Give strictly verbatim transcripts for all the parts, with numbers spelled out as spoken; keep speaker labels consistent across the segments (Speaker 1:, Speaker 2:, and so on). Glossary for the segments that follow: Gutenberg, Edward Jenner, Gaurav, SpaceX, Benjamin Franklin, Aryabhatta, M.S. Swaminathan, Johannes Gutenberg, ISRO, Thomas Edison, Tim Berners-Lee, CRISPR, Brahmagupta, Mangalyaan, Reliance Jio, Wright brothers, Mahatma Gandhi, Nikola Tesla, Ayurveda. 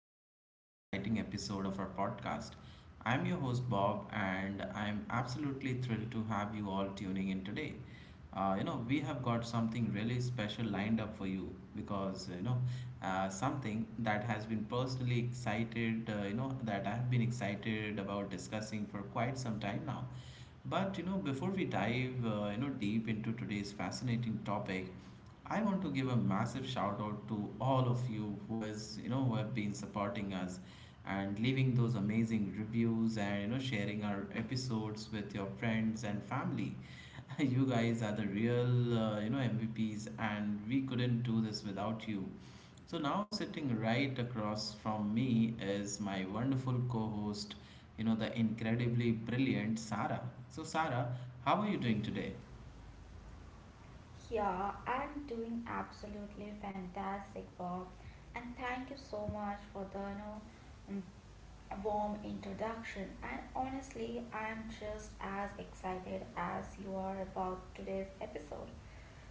Speaker 1: back to another exciting episode of our podcast. I'm your host Bob, and I'm absolutely thrilled to have you all tuning in today. Uh, you know, we have got something really special lined up for you because you know, uh, something that has been personally excited, uh, you know, that I've been excited about discussing for quite some time now. But you know, before we dive, uh, you know, deep into today's fascinating topic, I want to give a massive shout out to all of you who has you know who have been supporting us and leaving those amazing reviews and you know sharing our episodes with your friends and family. You guys are the real uh, you know M V Ps, and we couldn't do this without you. So now, sitting right across from me is my wonderful co-host, you know the incredibly brilliant Sarah. So Sarah, how are you doing today?
Speaker 2: Yeah, I'm doing absolutely fantastic, Bob. And thank you so much for the you know, mm, warm introduction. And honestly, I'm just as excited as you are about today's episode.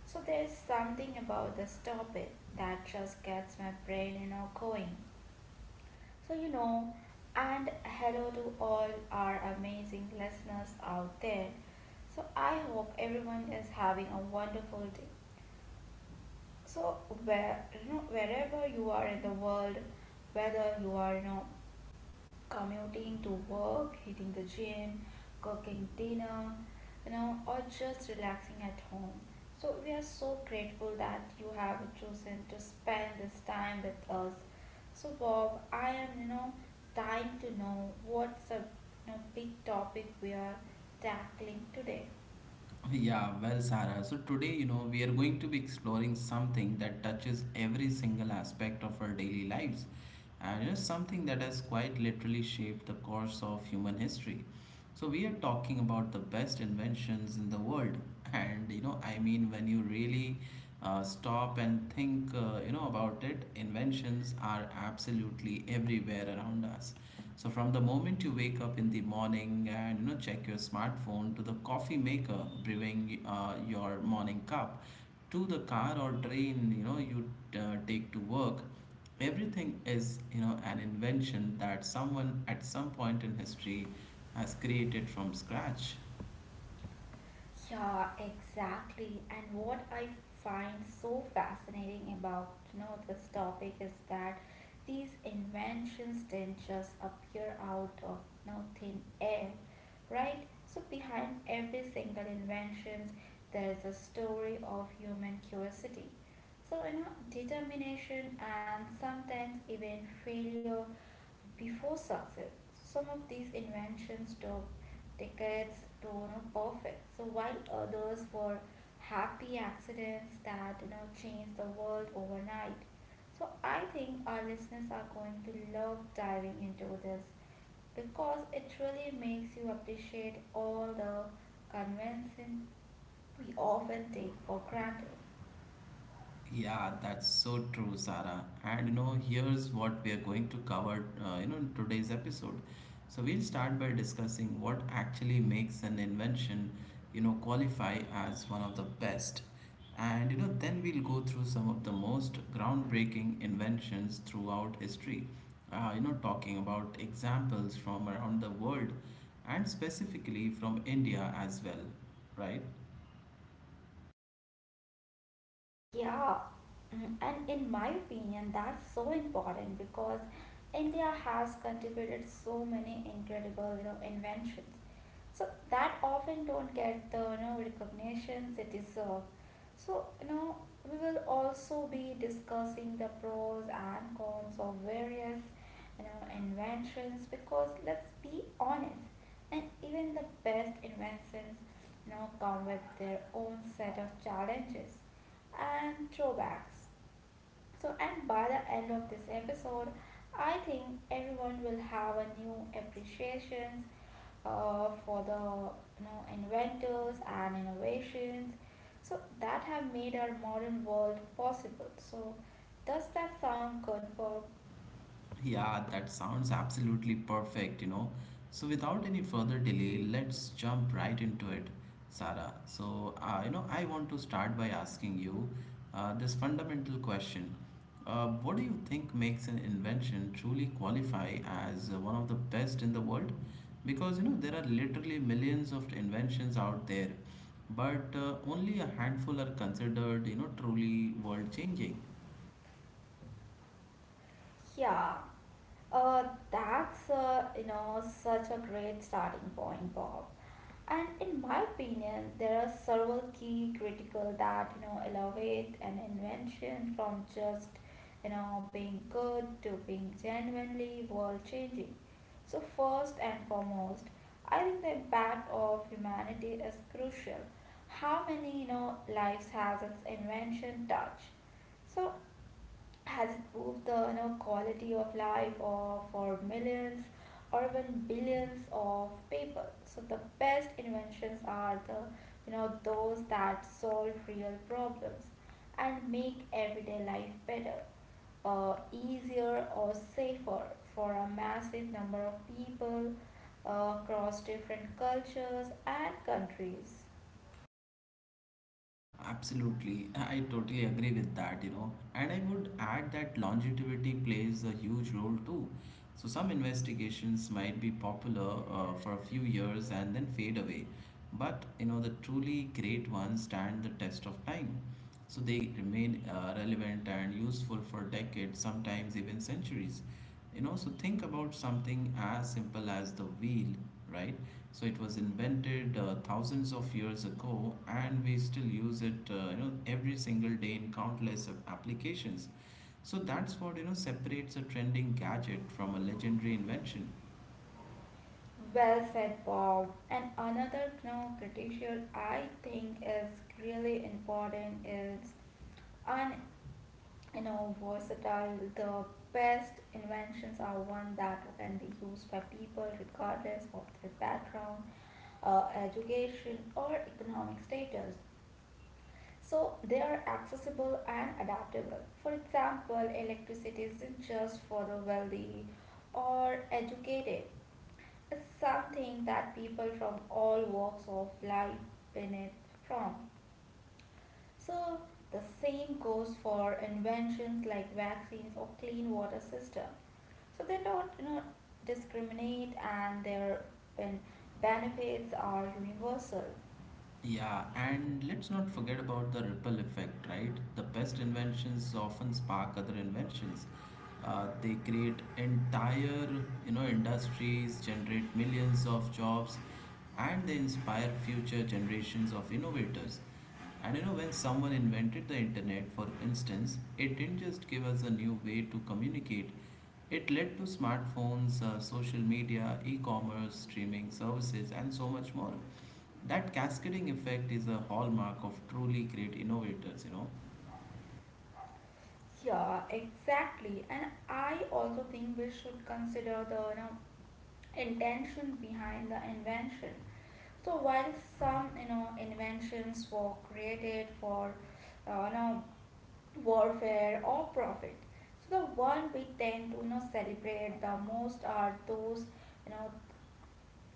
Speaker 2: So there's something about this topic that just gets my brain, you know, going. So you know, and hello to all our amazing listeners out there. So I hope everyone is having a wonderful day, so where you know wherever you are in the world, whether you are, you know commuting to work, hitting the gym, cooking dinner, you know or just relaxing at home. So we are so grateful that you have chosen to spend this time with us. So Bob, i am you know dying to know, what's a you know, big topic we are tackling today?
Speaker 1: Okay. Yeah, well, Sarah, so today, you know, we are going to be exploring something that touches every single aspect of our daily lives, and you know, something that has quite literally shaped the course of human history. So we are talking about the best inventions in the world, and you know, I mean, when you really uh, stop and think, uh, you know, about it, inventions are absolutely everywhere around us. So from the moment you wake up in the morning and you know check your smartphone, to the coffee maker brewing uh, your morning cup, to the car or train you know you uh, take to work, everything is you know an invention that someone at some point in history has created from scratch.
Speaker 2: Yeah, exactly. And what I find so fascinating about, you know, this topic is that these inventions didn't just appear out of you thin air, right? So behind every single invention, there is a story of human curiosity. So, you know, determination and sometimes even failure before success. Some of these inventions took decades to, you know, perfect. So while others were happy accidents that, you know, changed the world overnight. So I think our listeners are going to love diving into this because it really makes you appreciate all the convention we often take for granted.
Speaker 1: Yeah, that's so true, Sarah. And you know, here's what we are going to cover, uh, you know, in today's episode. So we'll start by discussing what actually makes an invention you know, qualify as one of the best. And you know, then we'll go through some of the most groundbreaking inventions throughout history. Uh, you know, talking about examples from around the world, and specifically from India as well, right?
Speaker 2: Yeah, mm, and in my opinion, that's so important because India has contributed so many incredible, you know, inventions. So that often don't get the, you know, recognition it deserve. So now we will also be discussing the pros and cons of various, you know, inventions, because let's be honest, and even the best inventions now come with their own set of challenges and drawbacks. So, and by the end of this episode, I think everyone will have a new appreciation, uh, for the, you know, inventors and innovations so that have made our modern world possible. So does that sound good, Bob?
Speaker 1: Yeah, that sounds absolutely perfect, you know. So, without any further delay, let's jump right into it, Sarah. So, uh, you know, I want to start by asking you uh, this fundamental question. Uh, what do you think makes an invention truly qualify as uh, one of the best in the world? Because, you know, there are literally millions of inventions out there, but uh, only a handful are considered, you know, truly world changing.
Speaker 2: Yeah, uh, that's, uh, you know, such a great starting point, Bob. And in my opinion, there are several key critical that you know elevate an invention from just, you know, being good to being genuinely world changing. So first and foremost, I think the impact of humanity is crucial. How many, you know, lives has its invention touched? So has improved the, you know, quality of life of, for millions or even billions of people. So the best inventions are the, you know, those that solve real problems and make everyday life better, uh, easier or safer for a massive number of people, uh, across different cultures and countries.
Speaker 1: Absolutely, I totally agree with that, you know. And I would add that longevity plays a huge role too. So, some investigations might be popular uh, for a few years and then fade away, but you know, the truly great ones stand the test of time. So they remain uh, relevant and useful for decades, sometimes even centuries. You know, so think about something as simple as the wheel, right? So it was invented uh, thousands of years ago, and we still use it, uh, you know, every single day in countless of applications. So that's what you know separates a trending gadget from a legendary invention.
Speaker 2: Well said, Bob. And another, you know, critical I think is really important is un you know versatile. The best inventions are one that can be used by people regardless of their background, uh, education, or economic status. So they are accessible and adaptable. For example, electricity isn't just for the wealthy or educated, is something that people from all walks of life benefit from. So the same goes for inventions like vaccines or clean water system. So they don't, you know, discriminate, and their ben- benefits are universal.
Speaker 1: Yeah, and let's not forget about the ripple effect, right? The best inventions often spark other inventions. Uh, they create entire, you know, industries, generate millions of jobs, and they inspire future generations of innovators. And you know, when someone invented the internet, for instance, it didn't just give us a new way to communicate, it led to smartphones, uh, social media, e commerce, streaming services, and so much more. That cascading effect is a hallmark of truly great innovators, you know.
Speaker 2: Yeah, exactly. And I also think we should consider the, you know, intention behind the invention. So while some, you know, inventions were created for, uh, you know warfare or profit, so the one we tend to, you know, celebrate the most are those, you know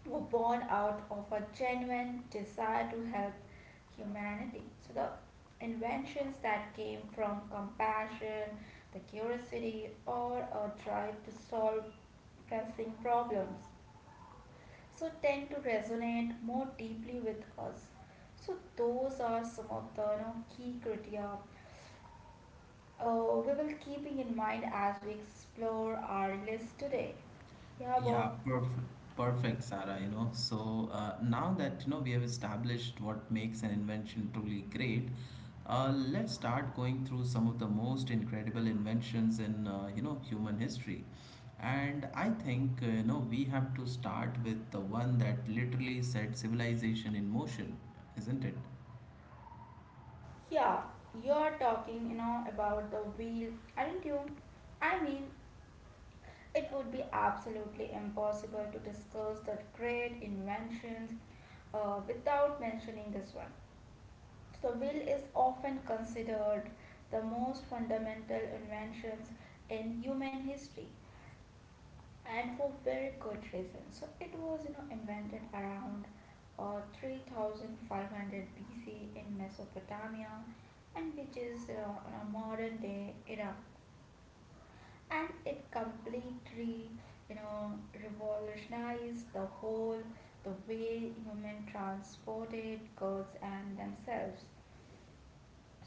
Speaker 2: who were born out of a genuine desire to help humanity. So the inventions that came from compassion, the curiosity, or a drive to solve pressing problems so tend to resonate more deeply with us. So those are some of the, you know, key criteria uh, we will keeping in mind as we explore our list today. Yeah,
Speaker 1: Yeah,
Speaker 2: Bob.
Speaker 1: perfect, perfect, Sarah. You know, so uh, now that you know we have established what makes an invention truly great, uh, let's start going through some of the most incredible inventions in uh, you know human history. And I think uh, you know we have to start with the one that literally set civilization in motion, isn't it?
Speaker 2: Yeah, you're talking, you know, about the wheel, aren't you? I mean, it would be absolutely impossible to discuss the great inventions uh, without mentioning this one. The will is often considered the most fundamental inventions in human history, and for very good reason. So it was, you know, invented around uh, three thousand five hundred B C in Mesopotamia, and which is, uh, in a modern day Iraq. And it completely, you know, revolutionized the whole the way human transported goods and themselves.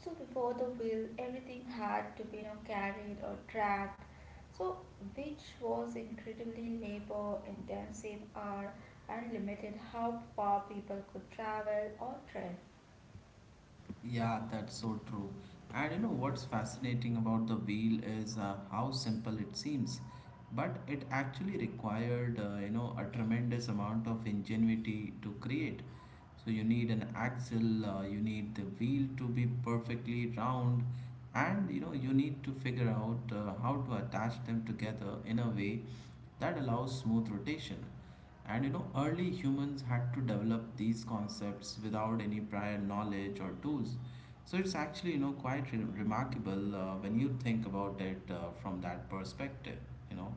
Speaker 2: So before the wheel, everything had to be, you know, carried or dragged. So which was incredibly labor intensive or and limited how far people could travel or tread.
Speaker 1: Yeah, that's so true. And you know what's fascinating about the wheel is uh, how simple it seems, but it actually required uh, you know a tremendous amount of ingenuity to create. So you need an axle, uh, you need the wheel to be perfectly round, and you know you need to figure out uh, how to attach them together in a way that allows smooth rotation. And you know, early humans had to develop these concepts without any prior knowledge or tools. So it's actually, you know, quite re- remarkable uh, when you think about it uh, from that perspective, you know.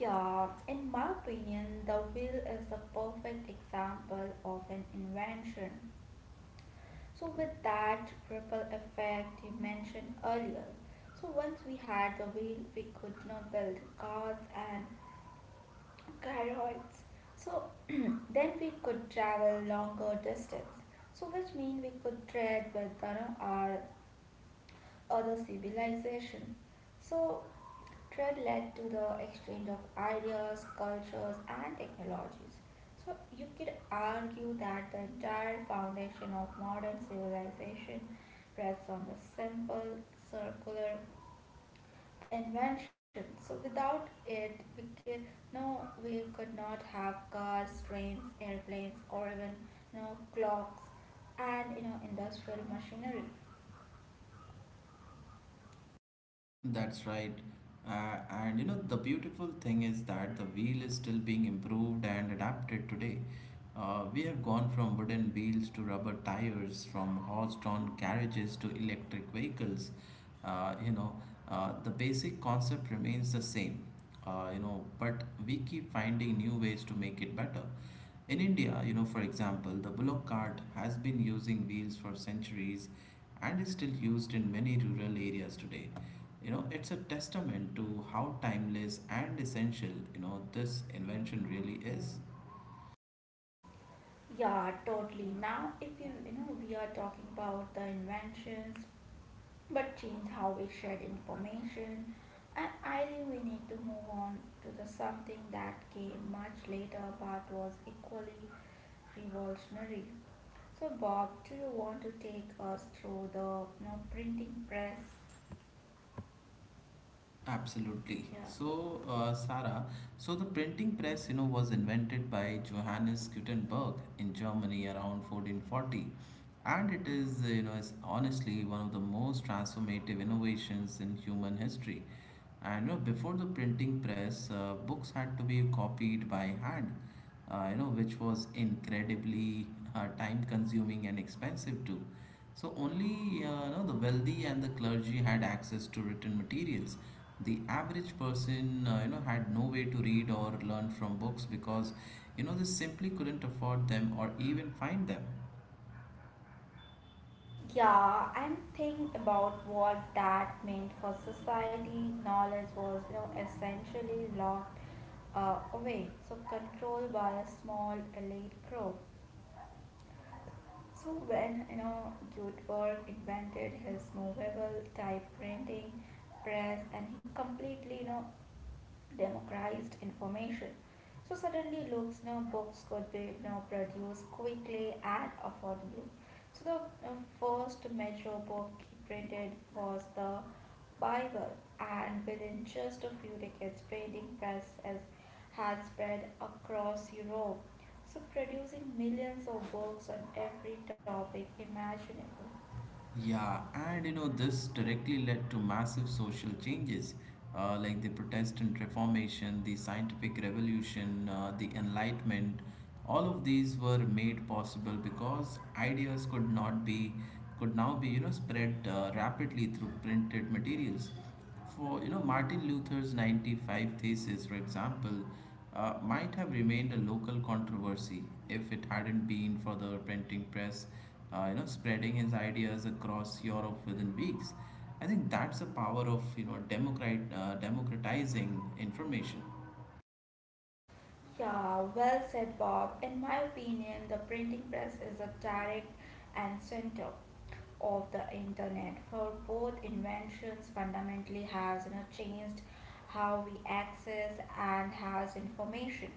Speaker 2: Yeah, in my opinion, the wheel is the perfect example of an invention. So with that ripple effect you mentioned earlier. So once we had the wheel, we could, you know, build cars and carrots. So then we could travel longer distance. So which mean we could trade with, you know, our other civilization. So trade led to the exchange of ideas, cultures, and technologies. So you could argue that the entire foundation of modern civilization rests on the simple circular invention. So without it, we could no, we could not have cars, trains, airplanes, or even, you know, clocks and, you know, industrial machinery.
Speaker 1: That's right. Uh, and you know, the beautiful thing is that the wheel is still being improved and adapted today. Uh, we have gone from wooden wheels to rubber tires, from horse-drawn carriages to electric vehicles. Uh, you know, uh, the basic concept remains the same, uh, you know, but we keep finding new ways to make it better. In India, you know, for example, the bullock cart has been using wheels for centuries and is still used in many rural areas today. You know, it's a testament to how timeless and essential, you know, this invention really is.
Speaker 2: Yeah, totally. Now, if you you know we are talking about the inventions, but change how we shared information, and I think we need to move on to the something that came much later but was equally revolutionary. So, Bob, do you want to take us through the, you know, printing press?
Speaker 1: Absolutely.
Speaker 2: Yeah.
Speaker 1: So, uh, Sarah, so the printing press, you know, was invented by Johannes Gutenberg in Germany around fourteen forty, and it is, you know, is honestly one of the most transformative innovations in human history. And you know, before the printing press, uh, books had to be copied by hand, uh, you know, which was incredibly uh, time-consuming and expensive too. So only uh, you know, the wealthy and the clergy had access to written materials. The average person uh, you know had no way to read or learn from books because you know they simply couldn't afford them or even find them.
Speaker 2: Yeah, I'm thinking about what that meant for society. Knowledge was, you know, essentially locked uh, away, so controlled by a small elite group. So when, you know, Gutenberg invented his movable type printing press, and he completely, you know, democratized information. So suddenly looks now books could be now produced quickly and affordably. So the, uh, first major book he printed was the Bible, and within just a few decades, printing press has, has spread across Europe, so producing millions of books on every topic imaginable.
Speaker 1: Yeah, and you know this directly led to massive social changes, uh, like the Protestant Reformation, the Scientific Revolution, uh, the Enlightenment. All of these were made possible because ideas could not be could now be you know spread uh, rapidly through printed materials. For you know Martin Luther's ninety-five thesis, for example, uh, might have remained a local controversy if it hadn't been for the printing press, uh, you know, spreading his ideas across Europe within weeks. I think that's the power of you know democrat uh, democratizing information.
Speaker 2: Yeah, well said, Bob. In my opinion, the printing press is a direct and center of the internet for both inventions fundamentally has, you know, changed how we access and has information.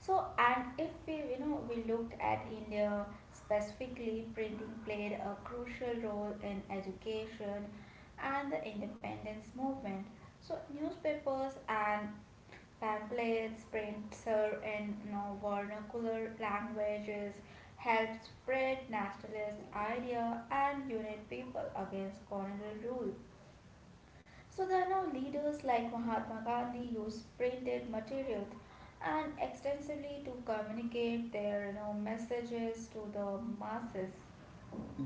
Speaker 2: So, and if we, you know, we look at India specifically, printing played a crucial role in education and the independence movement. So, newspapers and pamphlets, prints, uh, in, you know, vernacular languages helped spread nationalist idea and unite people against colonial rule. So there are now leaders like Mahatma Gandhi use printed materials and extensively to communicate their, you know, messages to the masses.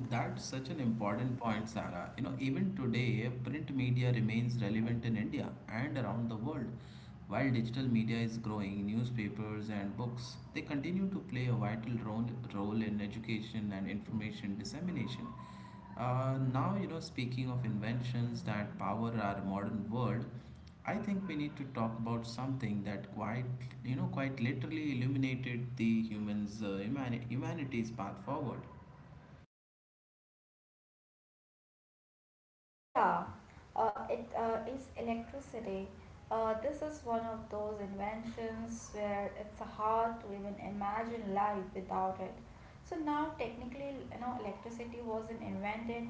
Speaker 1: That's such an important point, Sarah. You know, even today, print media remains relevant in India and around the world. While digital media is growing, newspapers and books, they continue to play a vital role, role in education and information dissemination. Uh, now, you know, speaking of inventions that power our modern world, I think we need to talk about something that quite, you know, quite literally illuminated the humans, uh, humani- humanity's path forward.
Speaker 2: Yeah, uh, it, uh, is electricity. Uh, this is one of those inventions where it's hard to even imagine life without it. So now technically, you know, electricity wasn't invented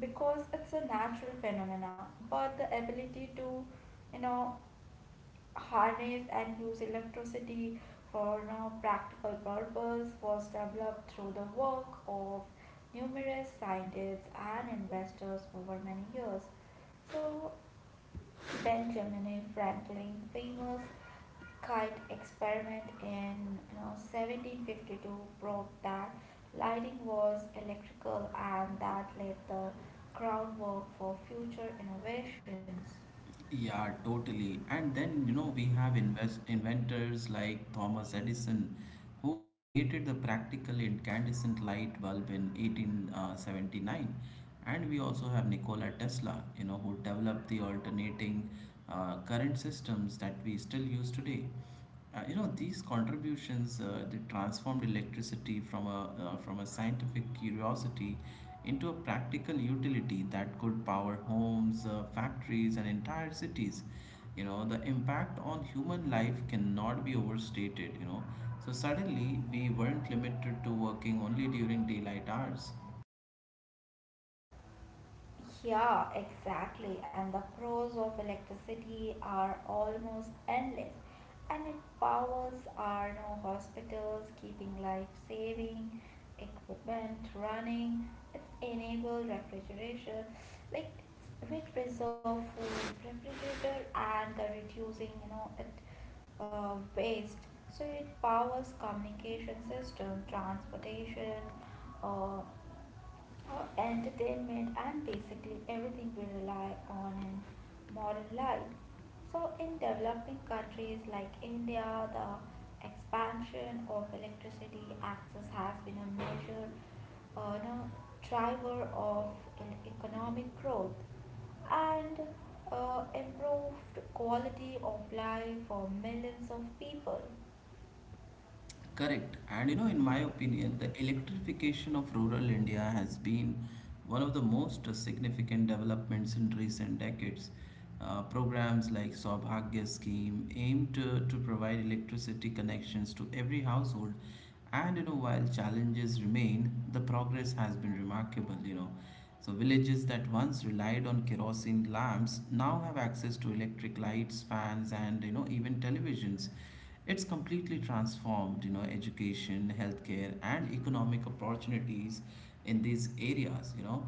Speaker 2: because it's a natural phenomena, but the ability to, you know, harness and use electricity for no practical purpose was developed through the work of numerous scientists and investors over many years. So, Benjamin Franklin, famous kite experiment in, you know, seventeen fifty-two proved that lighting was electrical and that laid the groundwork for future innovations.
Speaker 1: Yeah, totally. And then, you know, we have invest inventors like Thomas Edison, who created the practical incandescent light bulb in eighteen seventy-nine. And we also have Nikola Tesla, you know, who developed the alternating uh, current systems that we still use today. Uh, you know these contributions uh, they transformed electricity from a uh, from a scientific curiosity into a practical utility that could power homes, uh, factories, and entire cities. You know the impact on human life cannot be overstated. You know so suddenly we weren't limited to working only during daylight hours.
Speaker 2: Yeah, exactly. And the pros of electricity are almost endless. And it powers our no hospitals, keeping life saving equipment running. It's enable refrigeration, like which preserve food, refrigerator, and the reducing, you know, it, uh, waste. So it powers communication system, transportation, uh, our entertainment and basically everything we rely on in modern life. So, in developing countries like India, the expansion of electricity access has been a major, uh, no, driver of e- economic growth and, uh, improved quality of life for millions of people.
Speaker 1: Correct. And you know, in my opinion, the electrification of rural India has been one of the most significant developments in recent decades. Uh, programs like Saubhagya scheme aim to, to provide electricity connections to every household. And you know, while challenges remain, the progress has been remarkable, you know. So villages that once relied on kerosene lamps now have access to electric lights, fans, and you know, even televisions. It's completely transformed, you know, education, healthcare, and economic opportunities in these areas, you know.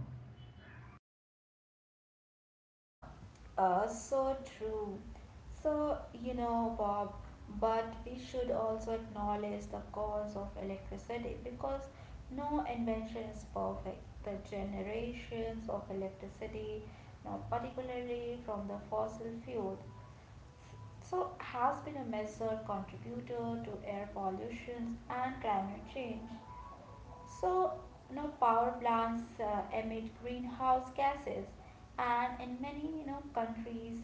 Speaker 2: Uh, so true. So, you know, Bob, but we should also acknowledge the cause of electricity because no invention is perfect. The generations of electricity, now particularly from the fossil fuel, so has been a major contributor to air pollution and climate change. So, you know, power plants uh, emit greenhouse gases, and in many, you know, countries,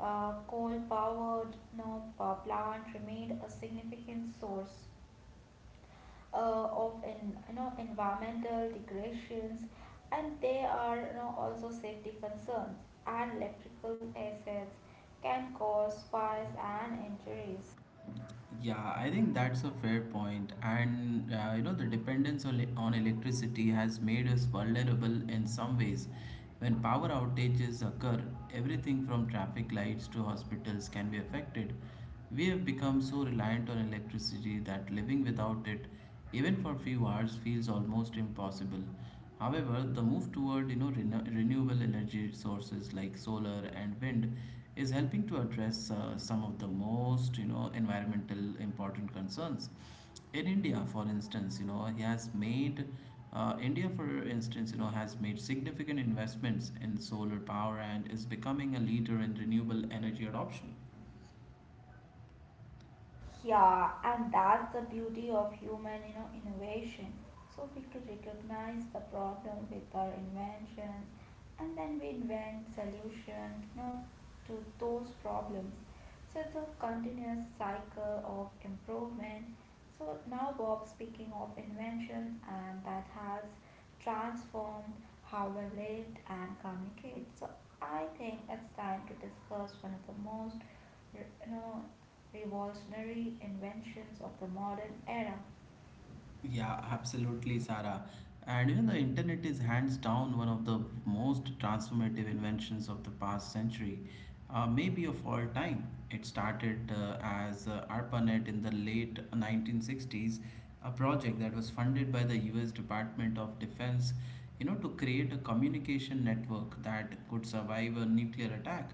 Speaker 2: uh, coal-powered, you know, power plant remained a significant source, uh, of in, you know environmental degradations, and they are, you know, also safety concerns. And electrical assets can cause fires and injuries.
Speaker 1: Yeah, I think that's a fair point. And, uh, you know, the dependence on, on electricity has made us vulnerable in some ways. When power outages occur, everything from traffic lights to hospitals can be affected. We have become so reliant on electricity that living without it, even for few hours, feels almost impossible. However, the move toward you know rena- renewable energy sources like solar and wind is helping to address uh, some of the most you know environmental important concerns. In India, for instance, you know he has made uh, India, for instance, you know has made significant investments in solar power and is becoming a leader in renewable energy adoption.
Speaker 2: Yeah, and that's the beauty of human, you know, innovation. So we could recognize the problem with our inventions, and then we invent solutions, you know, to those problems. So it's a continuous cycle of improvement. So now Bob, speaking of invention, and that has transformed how we lived and communicate. So I think it's time to discuss one of the most, you know, revolutionary inventions of the modern era.
Speaker 1: Yeah, absolutely, Sarah. And you know, the internet is hands down one of the most transformative inventions of the past century, uh, maybe of all time. It started uh, as uh, ARPANET in the late nineteen sixties, a project that was funded by the U S Department of Defense, you know, to create a communication network that could survive a nuclear attack.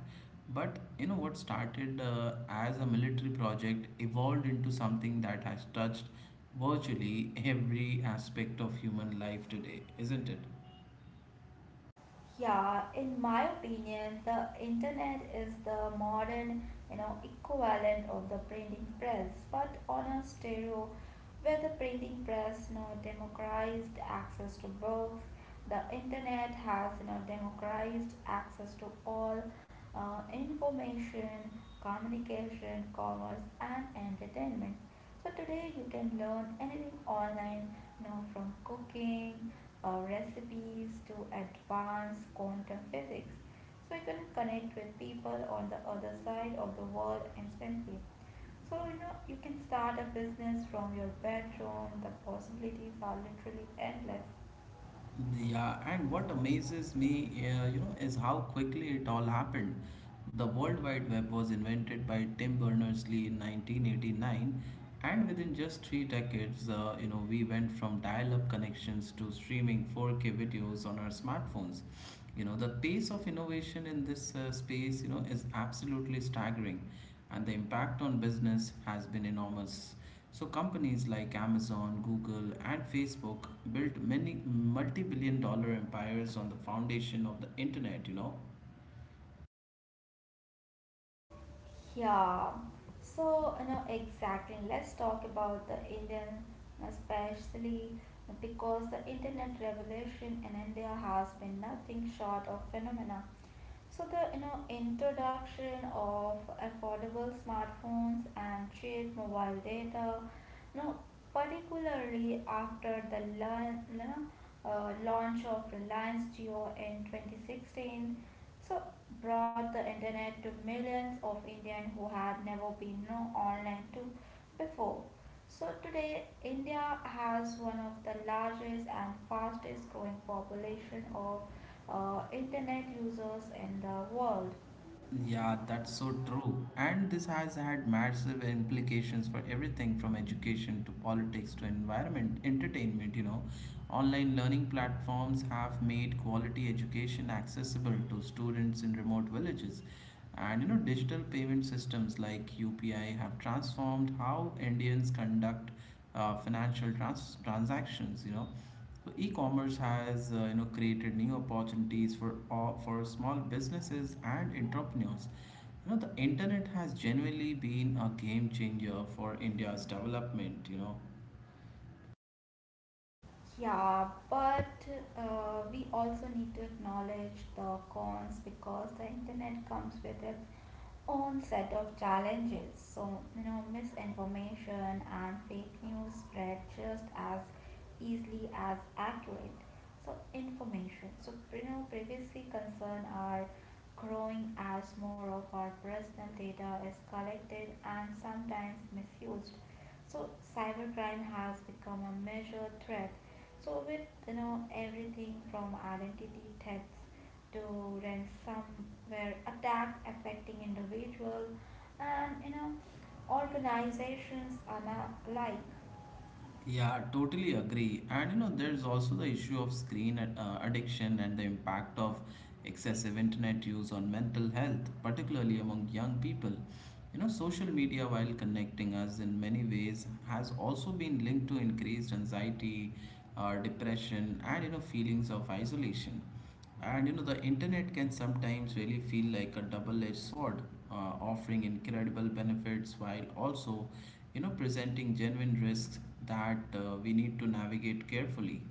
Speaker 1: But you know, what started uh, as a military project evolved into something that has touched virtually every aspect of human life today, isn't it?
Speaker 2: Yeah, in my opinion, the internet is the modern, you know, equivalent of the printing press, but on a stereo, where the printing press, you know, democratized access to books. The internet has, you know, democratized access to all, uh, information, communication, commerce, and entertainment. So today you can learn anything online now from cooking, uh, recipes to advanced quantum physics. So you can connect with people on the other side of the world instantly. So you know you can start a business from your bedroom. The possibilities are literally endless.
Speaker 1: Yeah, and what amazes me, uh, you know, is how quickly it all happened. The World Wide Web was invented by Tim Berners-Lee in nineteen eighty-nine, and within just three decades, uh, you know, we went from dial-up connections to streaming four K videos on our smartphones. You know, the pace of innovation in this uh, space, you know, is absolutely staggering, and the impact on business has been enormous. So companies like Amazon, Google, and Facebook built many multi-billion dollar empires on the foundation of the internet, you know.
Speaker 2: Yeah. So, you know, exactly. Let's talk about the Indian, especially because the internet revolution in India has been nothing short of phenomena. So the you know introduction of affordable smartphones and cheap mobile data, you know, particularly after the learn, you know, uh, launch of Reliance Jio in twenty sixteen, so brought the internet to millions of Indians who had never been you know, online to before. So today, India has one of the largest and fastest growing population of uh, internet users in the world.
Speaker 1: Yeah, that's so true. And this has had massive implications for everything from education to politics to environment, entertainment, you know. Online learning platforms have made quality education accessible to students in remote villages. And you know, digital payment systems like U P I have transformed how Indians conduct uh, financial trans- transactions, you know. So e-commerce has uh, you know created new opportunities for all, for small businesses and entrepreneurs. You know the internet has genuinely been a game changer for India's development. You know
Speaker 2: Yeah, but uh, we also need to acknowledge the cons because the internet comes with its own set of challenges. So, you know, misinformation and fake news spread just as easily as accurate. So, information. So, you know, privacy concern are growing as more of our personal data is collected and sometimes misused. So cybercrime has become a major threat. So with you know everything from identity thefts to ransomware attack affecting individuals and you know organizations are not alike.
Speaker 1: Yeah, totally agree. And you know, there's also the issue of screen ad- uh, addiction and the impact of excessive internet use on mental health, particularly among young people. You know, social media, while connecting us in many ways, has also been linked to increased anxiety, uh, depression, and you know, feelings of isolation. And you know, the internet can sometimes really feel like a double edged sword, uh, offering incredible benefits while also, you know, presenting genuine risks that uh, we need to navigate carefully.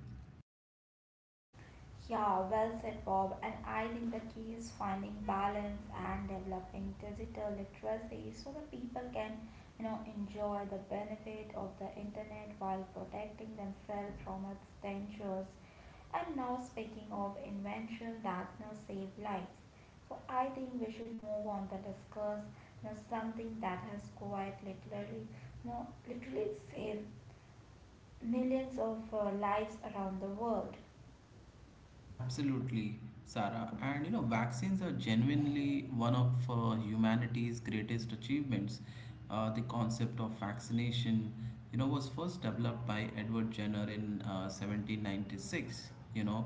Speaker 2: Yeah, well said, Bob. And I think the key is finding balance and developing digital literacy so that people can, you know, enjoy the benefit of the internet while protecting themselves from its dangers. And now, speaking of invention that you know, save lives, so I think we should move on to discuss, you know, something that has quite literally, you know, literally saved millions of uh, lives around the world.
Speaker 1: Absolutely, Sarah. And you know, vaccines are genuinely one of uh, humanity's greatest achievements. Uh, the concept of vaccination, you know, was first developed by Edward Jenner in uh, seventeen ninety-six. You know,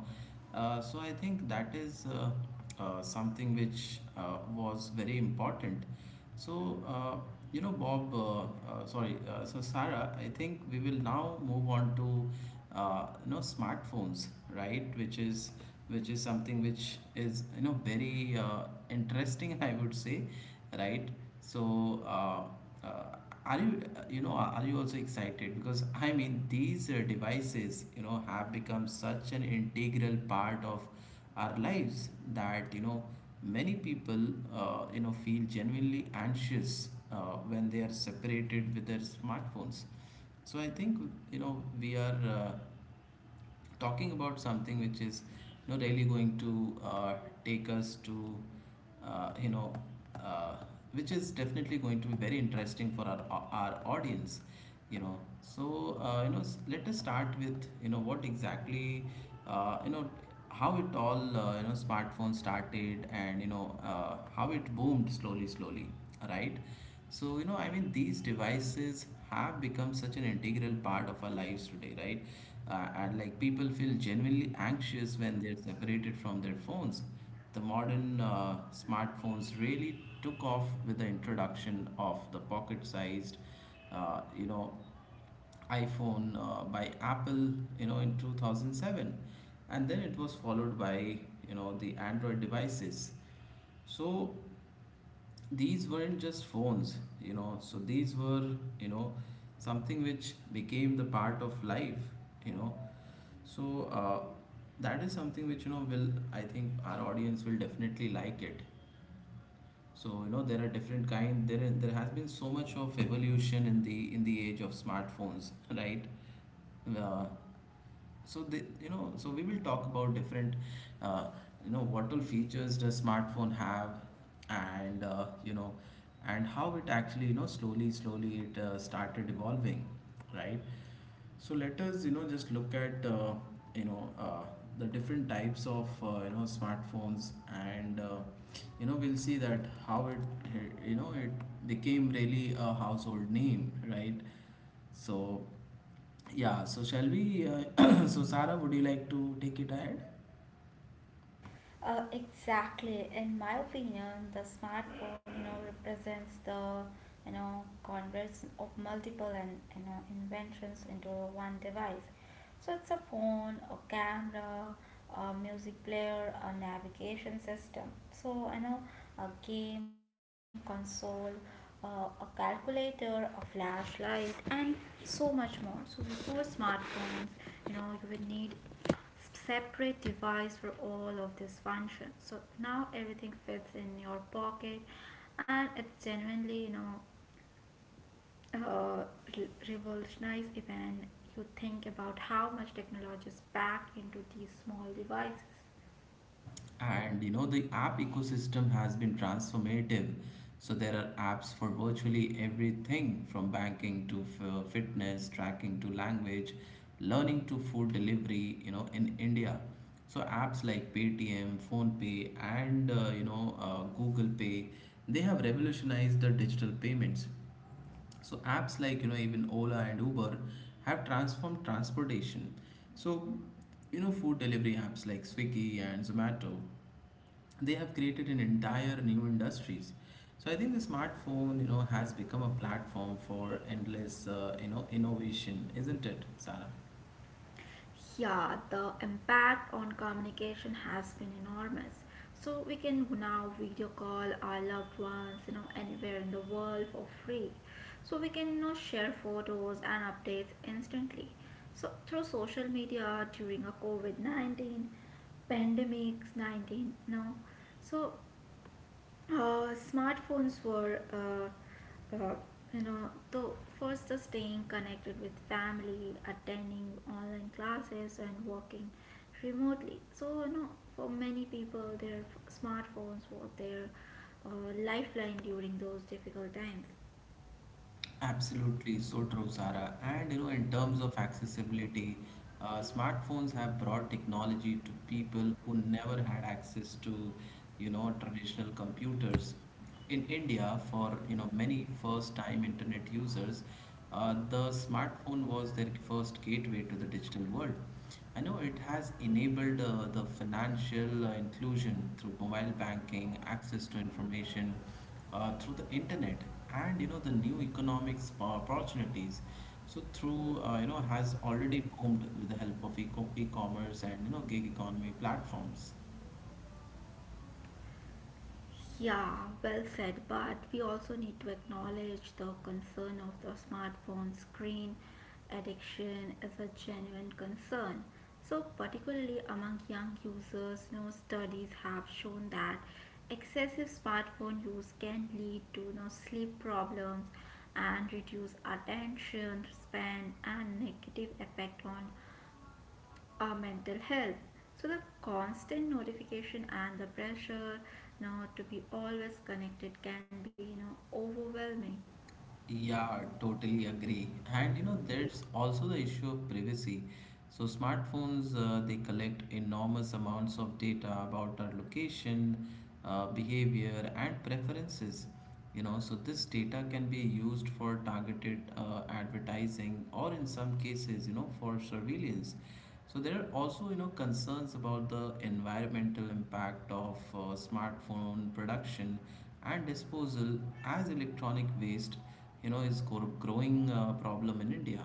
Speaker 1: uh, so I think that is uh, uh, something which uh, was very important. So, uh, you know, Bob, uh, uh, sorry, uh, so Sarah, I think we will now move on to, uh, you know, smartphones, right? Which is which is something which is, you know, very uh, interesting, I would say, right? So, uh, uh, are you, uh, you know, are you also excited? Because I mean, these uh, devices, you know, have become such an integral part of our lives that, you know, many people, uh, you know, feel genuinely anxious uh, when they are separated with their smartphones. So I think you know we are uh, talking about something which is you know, really going to uh, take us to uh, you know uh, which is definitely going to be very interesting for our our audience. You know, so uh, you know, s- let us start with you know what exactly uh, you know how it all uh, you know smartphones started and you know uh, how it boomed slowly slowly, right? So you know I mean these devices have become such an integral part of our lives today, right? Uh, and like people feel genuinely anxious when they're separated from their phones. The modern uh, smartphones really took off with the introduction of the pocket-sized uh, you know iPhone uh, by Apple, you know, in two thousand seven, and then it was followed by, you know, the Android devices. So these weren't just phones, you know, so these were, you know, something which became the part of life, you know. So uh, that is something which, you know, will, I think our audience will definitely like it. So, you know, there are different kind, there, there has been so much of evolution in the, in the age of smartphones, right? Uh, so the, you know So we will talk about different uh, you know what all features does smartphone have and uh, you know and how it actually you know slowly slowly it uh, started evolving, right? So let us you know just look at uh, you know uh, the different types of uh, you know smartphones and, uh, you know we'll see that how it you know it became really a household name, right? So yeah, so shall we? Uh, so, Sarah, would you like to take it ahead?
Speaker 2: Uh, exactly. In my opinion, the smartphone, you know, represents the, you know, conversion of multiple and you know inventions into one device. So it's a phone, a camera, a music player, a navigation system. So you know, a game console, uh, a calculator, a flashlight, and so much more. So before smartphones, you know, you will need separate device for all of these functions. So now everything fits in your pocket, and it's genuinely, you know, uh, re- revolutionized even you think about how much technology is packed into these small devices.
Speaker 1: And you know, the app ecosystem has been transformative. So, there are apps for virtually everything from banking to f- uh, fitness, tracking to language, learning to food delivery, you know, in India. So, apps like Paytm, PhonePe, and uh, you know, uh, Google Pay, they have revolutionized the digital payments. So apps like you know even Ola and Uber have transformed transportation. So you know food delivery apps like Swiggy and Zomato, they have created an entire new industries. So I think the smartphone you know has become a platform for endless uh, you know innovation, isn't it, Sarah?
Speaker 2: Yeah, the impact on communication has been enormous. So we can now video call our loved ones, you know, anywhere in the world for free. So we can you know, share photos and updates instantly. So through social media during a COVID nineteen pandemics nineteen, no. So uh, smartphones were uh, uh, you know the first is staying connected with family attending online classes and working remotely, so you know for many people their f- smartphones were their uh, lifeline during those difficult times.
Speaker 1: Absolutely, so true, Sarah. And you know, in terms of accessibility, uh, smartphones have brought technology to people who never had access to, you know, traditional computers. In India, for you know many first-time internet users, uh, the smartphone was their first gateway to the digital world. I know it has enabled uh, the financial uh, inclusion through mobile banking, access to information uh, through the internet, and you know the new economics po- opportunities. So through uh, you know has already boomed with the help of eco- e-commerce and you know gig economy platforms.
Speaker 2: Yeah, well said, but we also need to acknowledge the concern of the smartphone screen addiction is a genuine concern. So, particularly among young users, you know, studies have shown that excessive smartphone use can lead to you know, sleep problems and reduce attention span and negative effect on our mental health. So the constant notification and the pressure you know, to be always connected can be you know overwhelming.
Speaker 1: Yeah, totally agree. And you know, there's also the issue of privacy. So smartphones, uh, they collect enormous amounts of data about our location, uh, behavior, and preferences. You know, so this data can be used for targeted uh, advertising or in some cases, you know, for surveillance. So there are also, you know, concerns about the environmental impact of uh, smartphone production and disposal as electronic waste you know, is gro- growing uh, problem in India.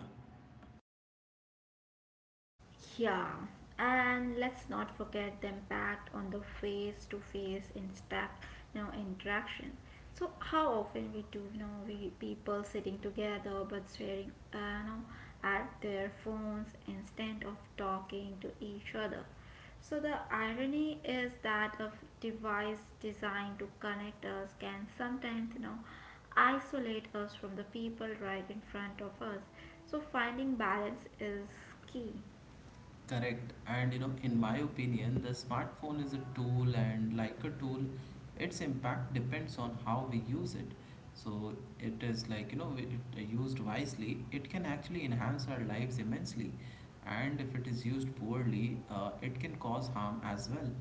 Speaker 2: Yeah, and let's not forget the impact on the face-to-face intact, you know, interaction. So how often we do, you know, we people sitting together but staring, uh, you know, at their phones instead of talking to each other. So the irony is that a device designed to connect us can sometimes, you know, isolate us from the people right in front of us. So finding balance is key.
Speaker 1: Correct. And you know, in my opinion, the smartphone is a tool, and like a tool, its impact depends on how we use it. So it is like, you know, we- it uh, used wisely, it can actually enhance our lives immensely. And if it is used poorly, uh, it can cause harm as well.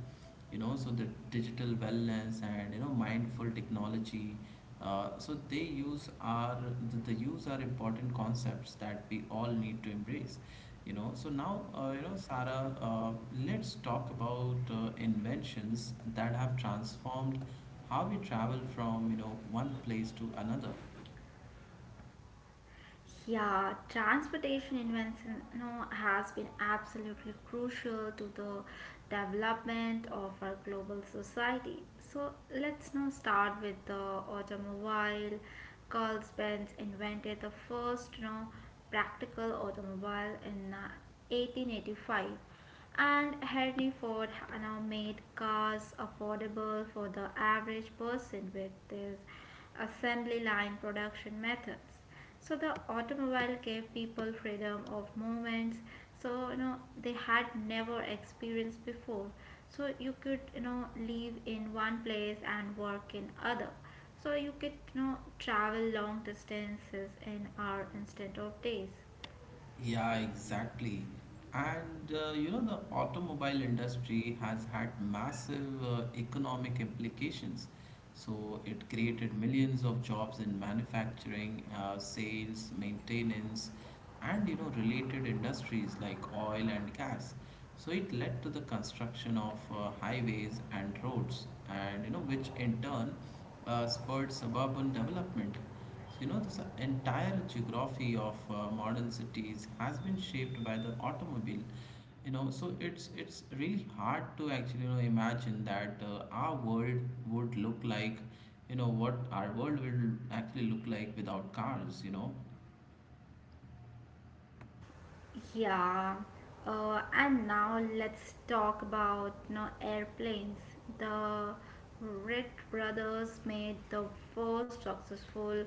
Speaker 1: You know, so the digital wellness and, you know, mindful technology, uh, so they use are, the, the use are important concepts that we all need to embrace. You know, so now, uh, you know, Sarah, uh, let's talk about uh, inventions that have transformed how we travel from, you know, one place to another.
Speaker 2: Yeah, transportation invention you know, has been absolutely crucial to the development of our global society. So let's now start with the automobile. Carl Benz invented the first you know, practical automobile in uh, eighteen eighty-five, and Henry Ford ha- now made cars affordable for the average person with his assembly line production methods. So the automobile gave people freedom of movements. So you know they had never experienced before. So you could you know live in one place and work in other. So you could you know travel long distances in hours instead of days.
Speaker 1: Yeah, exactly. And uh, you know, the automobile industry has had massive uh, economic implications. So it created millions of jobs in manufacturing, uh, sales, maintenance, and you know, related industries like oil and gas. So it led to the construction of uh, highways and roads, and you know, which in turn uh, spurred suburban development. So, you know, this entire geography of uh, modern cities has been shaped by the automobile. You know, so it's it's really hard to actually you know imagine that uh, our world would look like, you know, what our world will actually look like without cars. You know,
Speaker 2: Yeah. Uh, and now let's talk about you know, airplanes. The Wright brothers made the first successful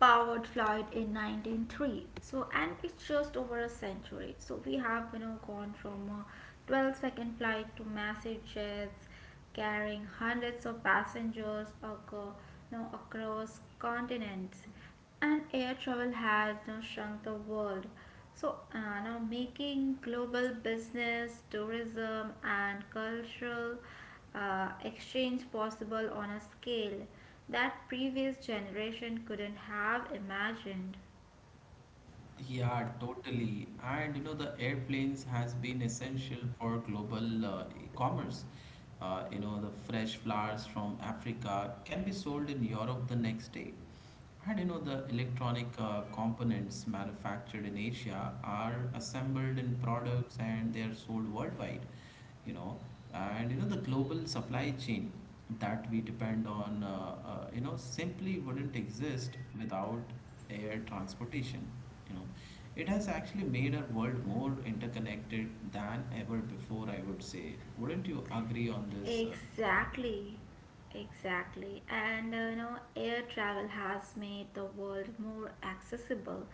Speaker 2: powered flight in nineteen oh three, so, and it's just over a century, so we have you know gone from a twelve second flight to massive jets carrying hundreds of passengers aco- you know, across continents, and air travel has now shrunk the world. So uh, now making global business, tourism, and cultural uh, exchange possible on a scale that previous generation couldn't have imagined.
Speaker 1: Yeah, totally. And you know, the airplanes has been essential for global uh, commerce. Uh, you know, the fresh flowers from Africa can be sold in Europe the next day. And you know, the electronic uh, components manufactured in Asia are assembled in products and they are sold worldwide. You know, and you know, the global supply chain that we depend on, uh, uh, you know, simply wouldn't exist without air transportation you know it has actually made our world more interconnected than ever before, I would say. Wouldn't you agree on this, uh, Sara?
Speaker 2: Exactly. Exactly. And uh, you know, air travel has made the world more accessible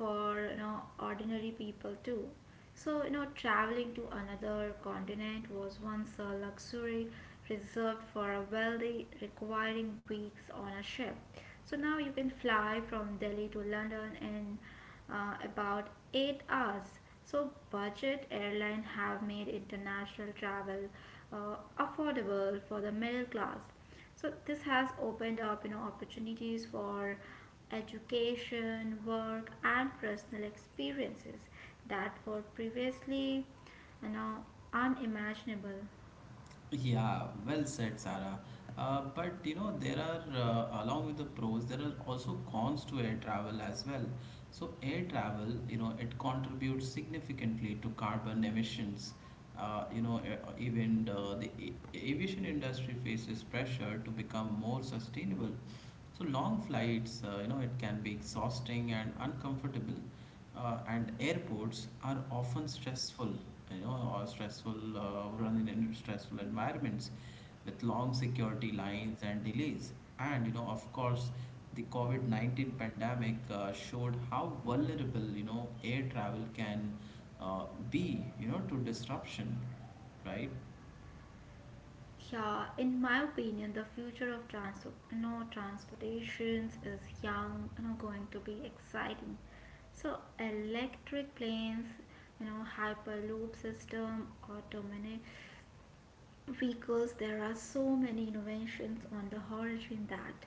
Speaker 2: for you know ordinary people too. So, you know, traveling to another continent was once a luxury reserved for a wealthy, requiring weeks on a ship. So now you can fly from Delhi to London in uh, about eight hours. So, budget airline have made international travel uh, affordable for the middle class. So this has opened up, you know, opportunities for education, work, and personal experiences that were previously, you know, unimaginable.
Speaker 1: Yeah, well said, Sarah. Uh, but you know, there are, uh, along with the pros, there are also cons to air travel as well. So, air travel, you know, it contributes significantly to carbon emissions. Uh, you know, e- even uh, the a- aviation industry faces pressure to become more sustainable. So, long flights, uh, you know, it can be exhausting and uncomfortable uh, and airports are often stressful, you know, or stressful, uh, run in stressful environments with long security lines and delays. And, you know, of course, the COVID nineteen pandemic uh, showed how vulnerable, you know, air travel can uh, be, you know, to disruption, right?
Speaker 2: Yeah, in my opinion, the future of transport, you know, transportations is young, you know, going to be exciting. So electric planes, you know, hyperloop system, automation, because there are so many innovations on the horizon that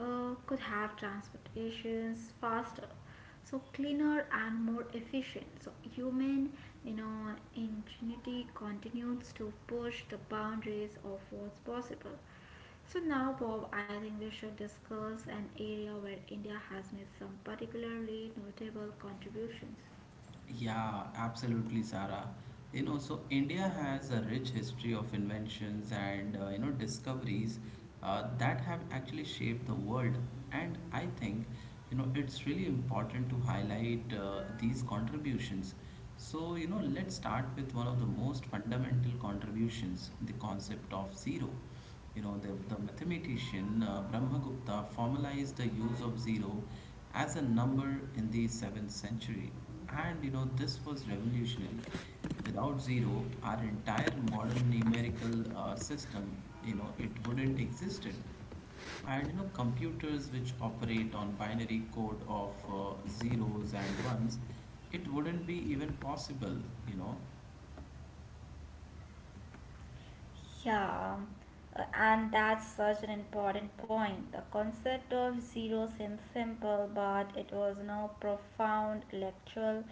Speaker 2: uh, could have transportations faster, so cleaner and more efficient. So human you know ingenuity continues to push the boundaries of what's possible. So now, Bob, I think we should discuss an area where India has made some particularly notable contributions.
Speaker 1: Yeah, absolutely, Sarah. You know, so India has a rich history of inventions and uh, you know discoveries uh, that have actually shaped the world. And I think you know it's really important to highlight uh, these contributions. So you know, let's start with one of the most fundamental contributions, the concept of zero. You know, the, the mathematician uh, Brahmagupta formalized the use of zero as a number in the seventh century. And you know, this was revolutionary. Without zero, our entire modern numerical uh, system, you know, it wouldn't existed and you know computers which operate on binary code of uh, zeros and ones it wouldn't be even possible you know
Speaker 2: Yeah, uh, and that's such an important point. The concept of zero seems simple, but it was no profound intellectual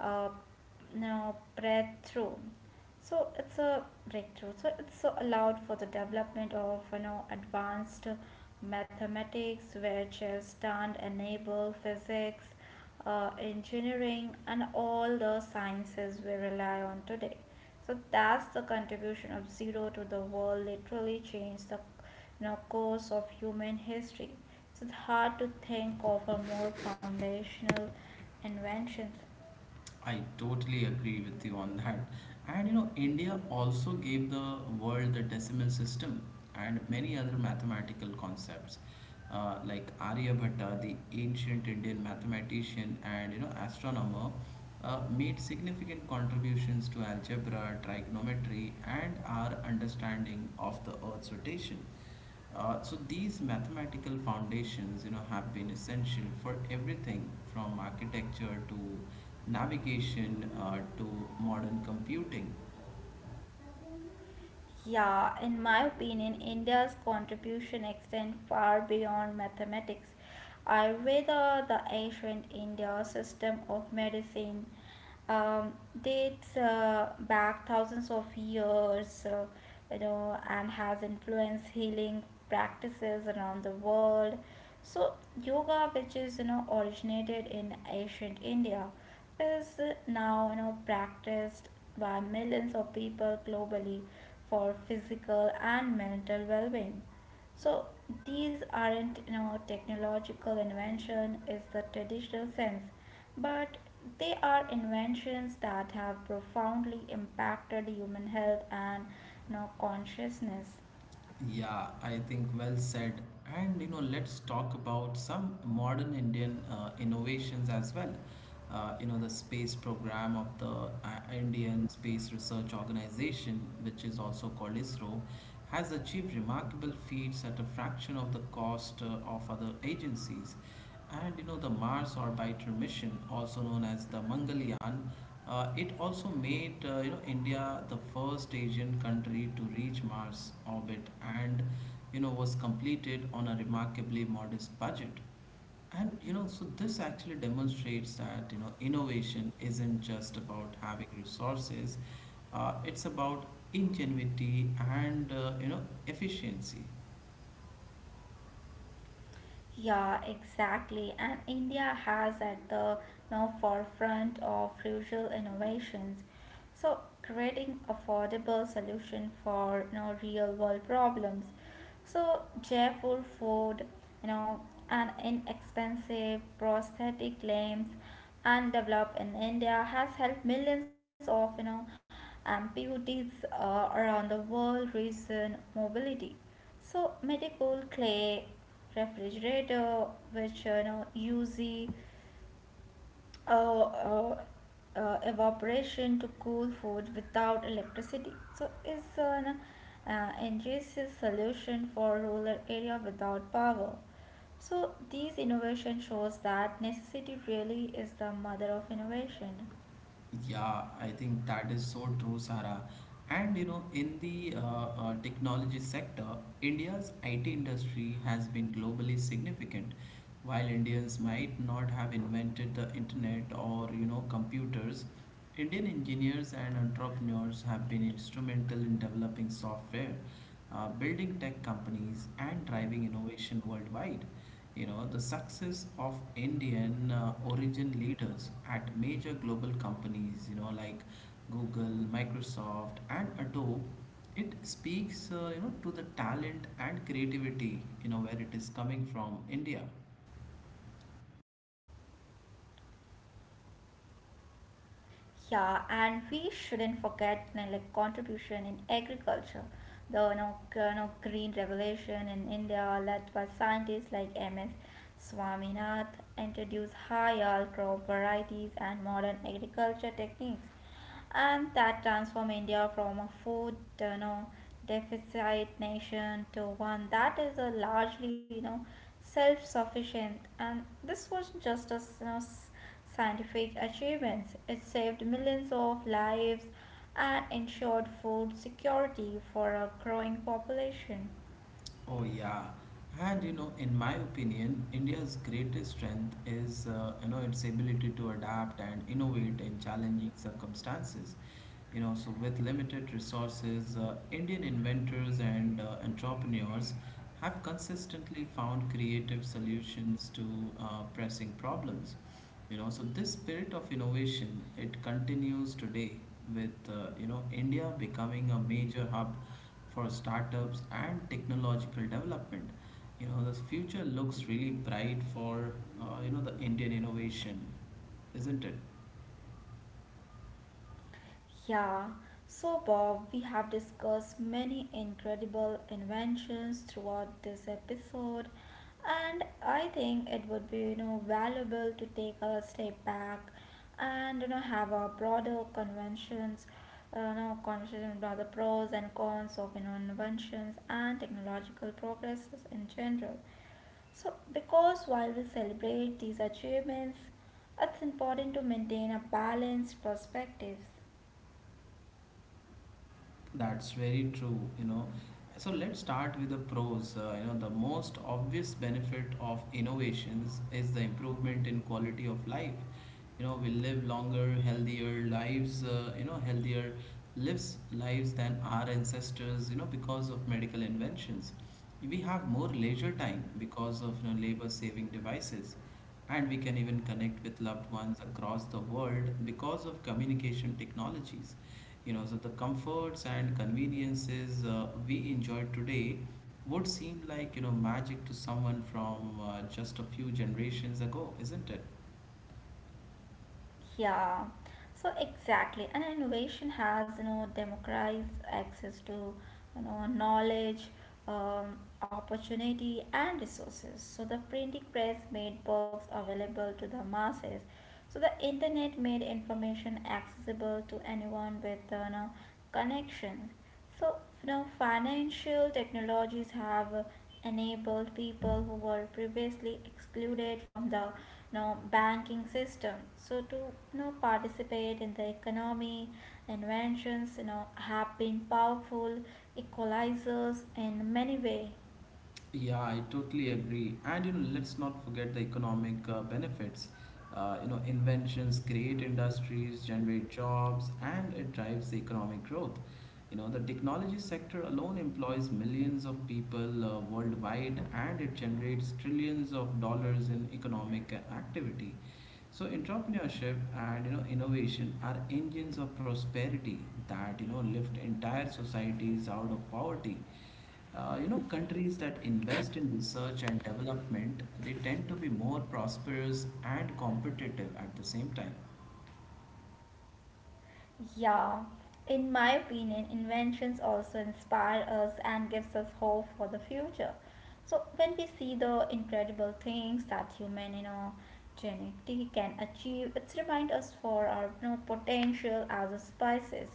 Speaker 2: uh, no breakthrough. So it's a breakthrough. So it's so allowed for the development of you know advanced mathematics, which is done enable physics, uh, engineering, and all the sciences we rely on today. So that's the contribution of zero to the world. Literally changed the you know, course of human history. So it's hard to think of a more foundational invention.
Speaker 1: I totally agree with you on that. And you know, India also gave the world the decimal system and many other mathematical concepts, uh, like Aryabhatta, the ancient Indian mathematician and you know astronomer, uh, made significant contributions to algebra, trigonometry, and our understanding of the Earth's rotation. Uh, so these mathematical foundations, you know, have been essential for everything from architecture to navigation uh, to modern computing.
Speaker 2: Yeah, in my opinion, India's contribution extends far beyond mathematics. Ayurveda, the ancient India system of medicine, um, dates uh, back thousands of years, uh, you know, and has influenced healing practices around the world. So, yoga, which is you know originated in ancient India, is now you know practiced by millions of people globally for physical and mental well-being. So these aren't you know technological invention is the traditional sense, but they are inventions that have profoundly impacted human health and you know, consciousness.
Speaker 1: Yeah, I think well said. And you know, let's talk about some modern Indian uh, innovations as well. Uh, you know, the space program of the uh, Indian Space Research Organization, which is also called ISRO, has achieved remarkable feats at a fraction of the cost uh, of other agencies. And you know, the Mars orbiter mission, also known as the Mangalyaan, uh, it also made uh, you know India the first Asian country to reach Mars orbit, and you know was completed on a remarkably modest budget. And you know, so this actually demonstrates that you know innovation isn't just about having resources; uh, it's about ingenuity and uh, you know efficiency.
Speaker 2: Yeah, exactly. And India has at the now forefront of rural innovations. So creating affordable solution for you know, real world problems. So cheerful food, you know, and inexpensive prosthetic limbs and developed in India has helped millions of you know amputees uh, around the world reason mobility. So medical clay refrigerator, which you know use the, uh, uh, uh, evaporation to cool food without electricity. So is an uh, ingenious solution for rural area without power. So these innovation shows that necessity really is the mother of innovation.
Speaker 1: Yeah, I think that is so true, Sarah. And you know, in the uh, uh, technology sector, India's I T industry has been globally significant. While Indians might not have invented the internet or you know computers, Indian engineers and entrepreneurs have been instrumental in developing software, uh, building tech companies, and driving innovation worldwide. You know, the success of Indian uh, origin leaders at major global companies, you know, like Google, Microsoft, and Adobe, it speaks, uh, you know, to the talent and creativity, you know, where it is coming from India.
Speaker 2: Yeah, and we shouldn't forget you know, like contribution in agriculture. The you know, g- you know, green revolution in India led by scientists like M S. Swaminath introduced high yield crop varieties and modern agriculture techniques, and that transformed India from a food you know, deficit nation to one that is a largely you know self-sufficient. And this was just a s- you know, s- scientific achievements. It saved millions of lives and ensured food security for a growing population.
Speaker 1: Oh, yeah. And you know, in my opinion, India's greatest strength is uh, you know its ability to adapt and innovate in challenging circumstances. You know, so with limited resources, uh, Indian inventors and uh, entrepreneurs have consistently found creative solutions to uh, pressing problems you know so this spirit of innovation it continues today with uh, you know india becoming a major hub for startups and technological development you know the future looks really bright for uh, you know the indian innovation isn't it
Speaker 2: Yeah, so Bob, we have discussed many incredible inventions throughout this episode, and I think it would be you know valuable to take a step back and you know have a broader conventions, uh, you know, conversation about the pros and cons of you know inventions and technological progresses in general. So, because while we celebrate these achievements, it's important to maintain a balanced perspective.
Speaker 1: That's very true, you know. So let's start with the pros. Uh, you know, the most obvious benefit of innovations is the improvement in quality of life. You know, we live longer, healthier lives, uh, you know, healthier lives lives than our ancestors, you know, because of medical inventions. We have more leisure time because of, you know, labor-saving devices. And we can even connect with loved ones across the world because of communication technologies. You know, so the comforts and conveniences uh, we enjoy today would seem like, you know, magic to someone from uh, just a few generations ago, isn't it?
Speaker 2: Yeah, so exactly. And innovation has, you know, democratized access to, you know, knowledge, um, opportunity, and resources. So the printing press made books available to the masses. So the internet made information accessible to anyone with, uh, you know, connections. So, you know, financial technologies have uh, enabled people who were previously excluded from the no banking system. So to you know participate in the economy, inventions you know have been powerful equalizers in many way.
Speaker 1: Yeah, I totally agree. And you know, let's not forget the economic uh, benefits. Uh, you know, inventions create industries, generate jobs, and it drives the economic growth. You know, the technology sector alone employs millions of people uh, worldwide, and it generates trillions of dollars in economic uh, activity. So entrepreneurship and you know innovation are engines of prosperity that you know lift entire societies out of poverty. Uh, you know, countries that invest in research and development, they tend to be more prosperous and competitive at the same time.
Speaker 2: Yeah, in my opinion, inventions also inspire us and gives us hope for the future. So when we see the incredible things that human, you know, genetically can achieve, it's remind us for our you know, potential as a species.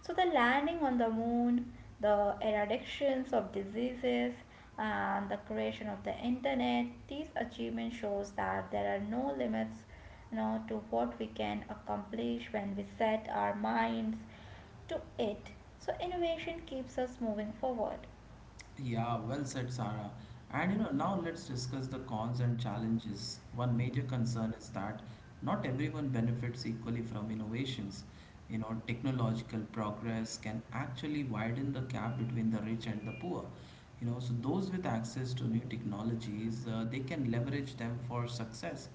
Speaker 2: So the landing on the moon, the eradications of diseases, and the creation of the internet, these achievements shows that there are no limits you know, to what we can accomplish when we set our minds to it. So innovation keeps us moving forward.
Speaker 1: Yeah, well said, Sarah. And you know, now let's discuss the cons and challenges. One major concern is that not everyone benefits equally from innovations. You know, technological progress can actually widen the gap between the rich and the poor. You know, so those with access to new technologies, uh, they can leverage them for success,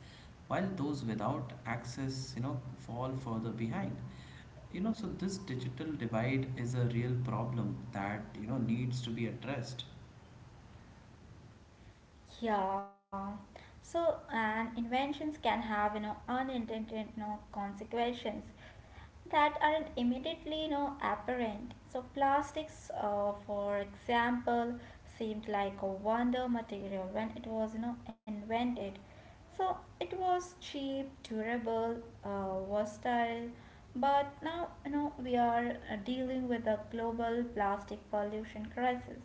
Speaker 1: while those without access, you know, fall further behind. You know, so this digital divide is a real problem that, you know, needs to be addressed.
Speaker 2: Yeah. So, and inventions can have, you know, unintended, you know, consequences that aren't immediately, you know, apparent. So, plastics, uh, for example, seemed like a wonder material when it was, you know, invented. So, it was cheap, durable, uh, versatile, but now, you know, we are uh, dealing with a global plastic pollution crisis,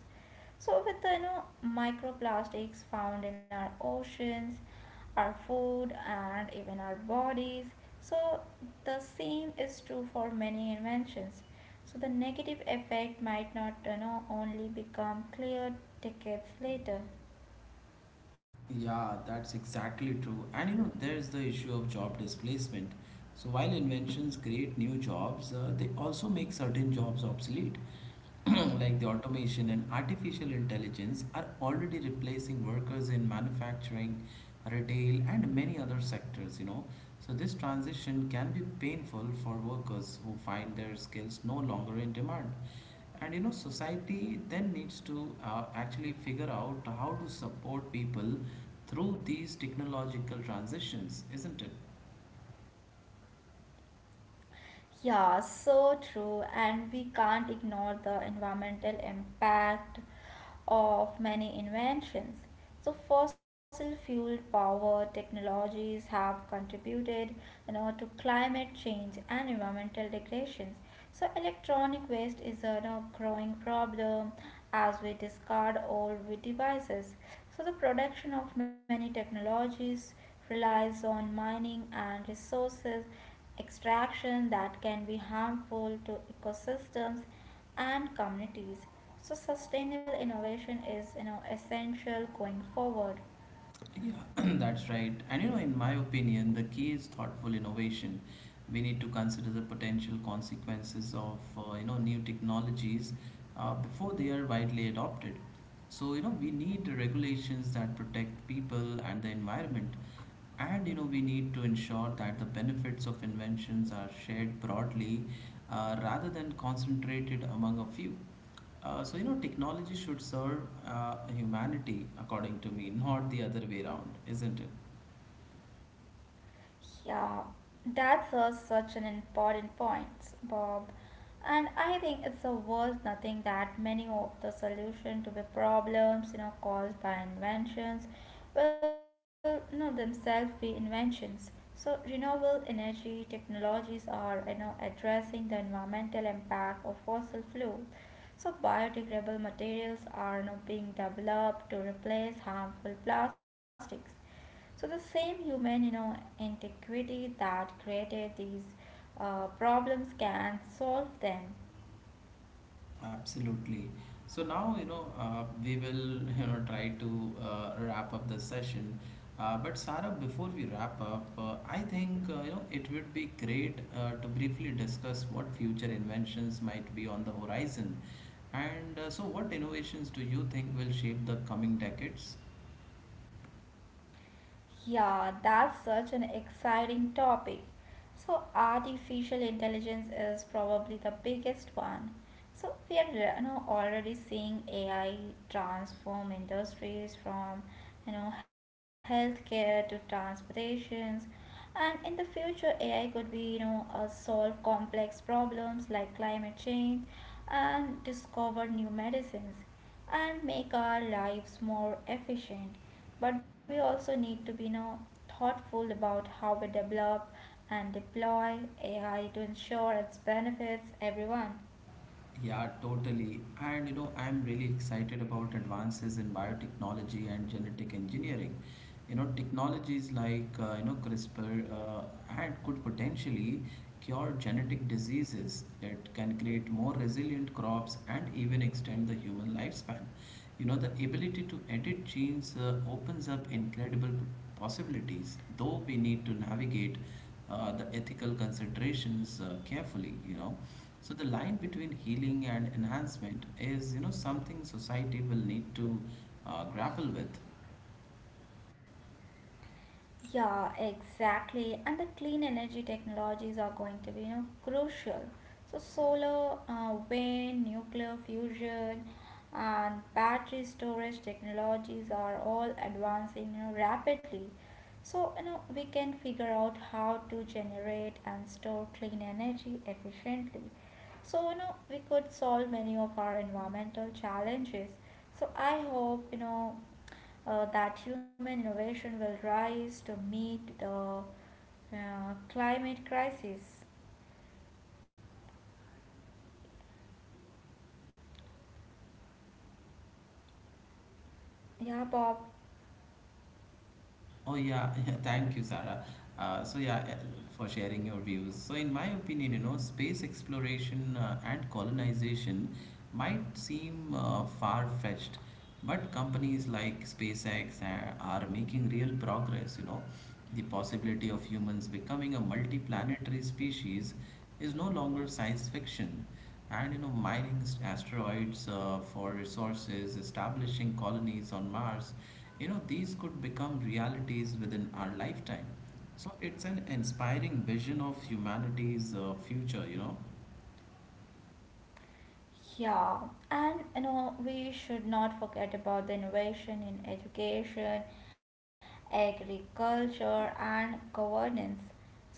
Speaker 2: so with the you know microplastics found in our oceans, our food, and even our bodies. So the same is true for many inventions. So the negative effect might not you know only become clear decades later.
Speaker 1: Yeah, that's exactly true. And you know, there's the issue of job displacement. So while inventions create new jobs, uh, they also make certain jobs obsolete. Like the automation and artificial intelligence are already replacing workers in manufacturing, retail, and many other sectors, you know. So this transition can be painful for workers who find their skills no longer in demand and you know society then needs to uh, actually figure out how to support people through these technological transitions isn't it
Speaker 2: Yeah, so true. And we can't ignore the environmental impact of many inventions. So fossil fuel power technologies have contributed, you know, to climate change and environmental degradations. So electronic waste is a you know, growing problem as we discard old devices. So the production of many technologies relies on mining and resources extraction that can be harmful to ecosystems and communities. So sustainable innovation is you know essential going forward.
Speaker 1: Yeah, that's right. And you know, in my opinion, the key is thoughtful innovation. We need to consider the potential consequences of uh, you know new technologies uh, before they are widely adopted. So you know, we need regulations that protect people and the environment, and you know, we need to ensure that the benefits of inventions are shared broadly uh, rather than concentrated among a few. Uh, so, you know, technology should serve uh, humanity, according to me, not the other way around, isn't it?
Speaker 2: Yeah, that's a, such an important point, Bob. And I think it's a worth nothing that many of the solution to the problems, you know, caused by inventions will, you know, themselves be inventions. So renewable energy technologies are you know addressing the environmental impact of fossil fuels. So biodegradable materials are, you know, being developed to replace harmful plastics, so the same human, you know, integrity that created these uh, problems can solve them.
Speaker 1: Absolutely. So now, you know, uh, we will, you know, try to uh, wrap up the session. Uh, but Sarah, before we wrap up, uh, I think, uh, you know, it would be great uh, to briefly discuss what future inventions might be on the horizon. And uh, so what innovations do you think will shape the coming decades?
Speaker 2: Yeah, that's such an exciting topic. So, artificial intelligence is probably the biggest one. So, we are, you know, already seeing A I transform industries from you know healthcare to transportations, and in the future, A I could be you know uh, solve complex problems like climate change and discover new medicines and make our lives more efficient. But we also need to be, you know, thoughtful about how we develop and deploy A I to ensure its benefits everyone.
Speaker 1: Yeah, totally. And you know, I'm really excited about advances in biotechnology and genetic engineering. You know, technologies like uh, you know CRISPR uh, and could potentially cure genetic diseases. It can create more resilient crops and even extend the human lifespan. You know, the ability to edit genes uh, opens up incredible possibilities, though we need to navigate uh, the ethical considerations uh, carefully you know so the line between healing and enhancement is you know something society will need to uh, grapple with
Speaker 2: Yeah, exactly. And the clean energy technologies are going to be, you know, crucial. So solar, uh, wind, nuclear fusion, and battery storage technologies are all advancing, you know, rapidly. So, you know, we can figure out how to generate and store clean energy efficiently. So, you know, we could solve many of our environmental challenges. So, I hope, you know, uh, that human innovation will rise to meet the uh, climate crisis. Yeah, Bob.
Speaker 1: Oh yeah, yeah, thank you, Sarah. Uh, so yeah, eh, for sharing your views. So in my opinion, you know, space exploration uh, and colonization might seem uh, far-fetched, but companies like SpaceX a- are making real progress. You know, the possibility of humans becoming a multi-planetary species is no longer science fiction. And you know, mining s- asteroids uh, for resources, establishing colonies on Mars, you know, these could become realities within our lifetime. So it's an inspiring vision of humanity's uh, future, you know.
Speaker 2: Yeah, and you know, we should not forget about the innovation in education, agriculture, and governance.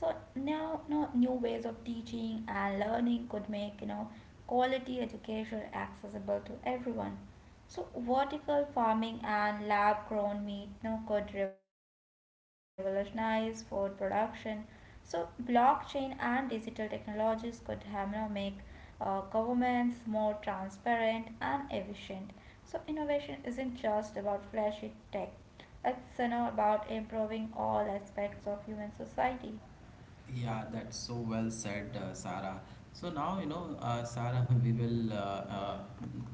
Speaker 2: So now, you know, new ways of teaching and learning could make you know quality education accessible to everyone. So vertical farming and lab-grown meat, you know, could revolutionize food production. So blockchain and digital technologies could have, you know, make uh, governments more transparent and efficient. So, innovation isn't just about flashy tech, it's, you know, about improving all aspects of human society.
Speaker 1: Yeah, that's so well said, uh, Sarah. So now, you know, uh, Sarah, we will uh, uh,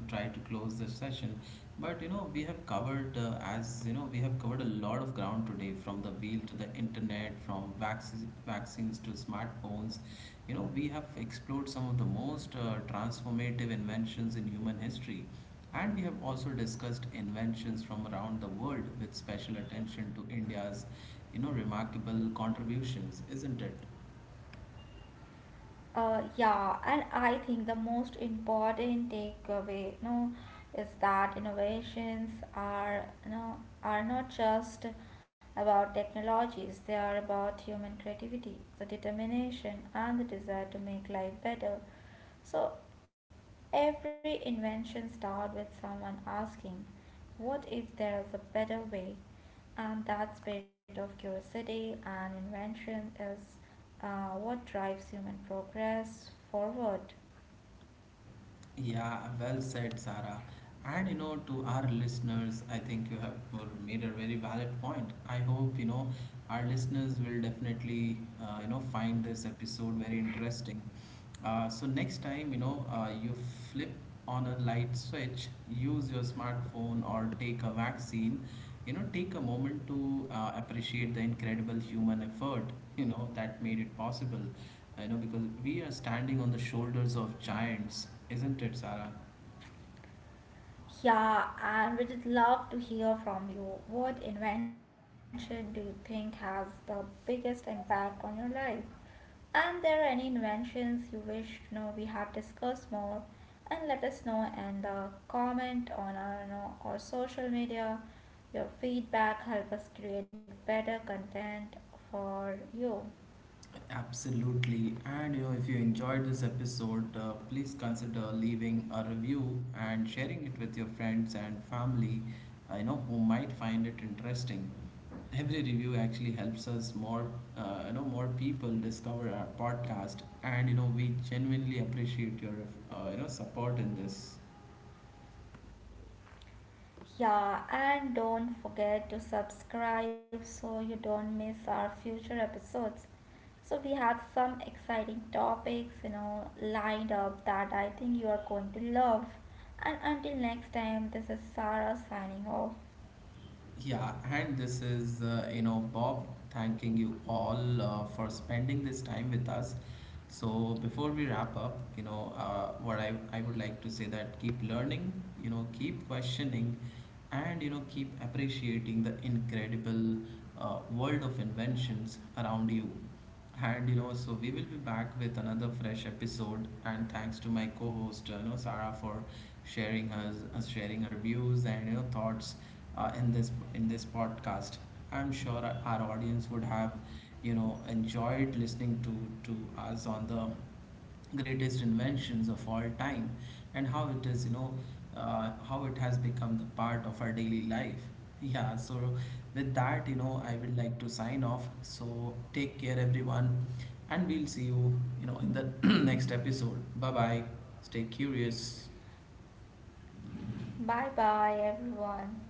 Speaker 1: try to close the session. But, you know, we have covered, uh, as you know, we have covered a lot of ground today from the wheel to the internet, from vaccines, vaccines to smartphones. You know, we have explored some of the most uh, transformative inventions in human history. And we have also discussed inventions from around the world with special attention to India's, you know, remarkable contributions, isn't it?
Speaker 2: Uh, yeah, and I think the most important takeaway, you know, is that innovations are, you know, are not just about technologies. They are about human creativity, the determination, and the desire to make life better. So every invention starts with someone asking, "What if there is a better way?" And that spirit of curiosity and invention is uh, what drives human progress forward.
Speaker 1: Yeah, well said, Sarah. And you know, to our listeners, I think you have uh, made a very valid point. I hope you know our listeners will definitely uh, you know find this episode very interesting. Uh, so next time, you know, uh, you flip on a light switch, use your smartphone or take a vaccine, you know, take a moment to uh, appreciate the incredible human effort, you know, that made it possible. You know, because we are standing on the shoulders of giants, isn't it, Sarah?
Speaker 2: Yeah, and we'd love to hear from you. What invention do you think has the biggest impact on your life? And there are any inventions you wish to know we have discussed more, and let us know and uh, comment on our, you know, our social media. Your feedback help us create better content for you.
Speaker 1: Absolutely. And you know, if you enjoyed this episode, uh, please consider leaving a review and sharing it with your friends and family, uh, you know, who might find it interesting. Every review actually helps us more, uh, you know, more people discover our podcast, and you know, we genuinely appreciate your, uh, you know, support in this.
Speaker 2: Yeah, and don't forget to subscribe so you don't miss our future episodes. So we have some exciting topics, you know, lined up that I think you are going to love. And until next time, this is Sarah signing off.
Speaker 1: Yeah, and this is, uh, you know, Bob thanking you all uh, for spending this time with us. So before we wrap up, you know, uh, what I, I would like to say that keep learning, you know, keep questioning, and, you know, keep appreciating the incredible uh, world of inventions around you. And you know, so we will be back with another fresh episode. And thanks to my co-host, you know, Sarah, for sharing her uh, sharing her views and you know thoughts uh, in this in this podcast. I'm sure our our audience would have, you know, enjoyed listening to to us on the greatest inventions of all time and how it is you know uh, how it has become the part of our daily life yeah so with that you know I would like to sign off so take care everyone and we'll see you you know in the next episode bye bye stay curious
Speaker 2: Bye bye, everyone.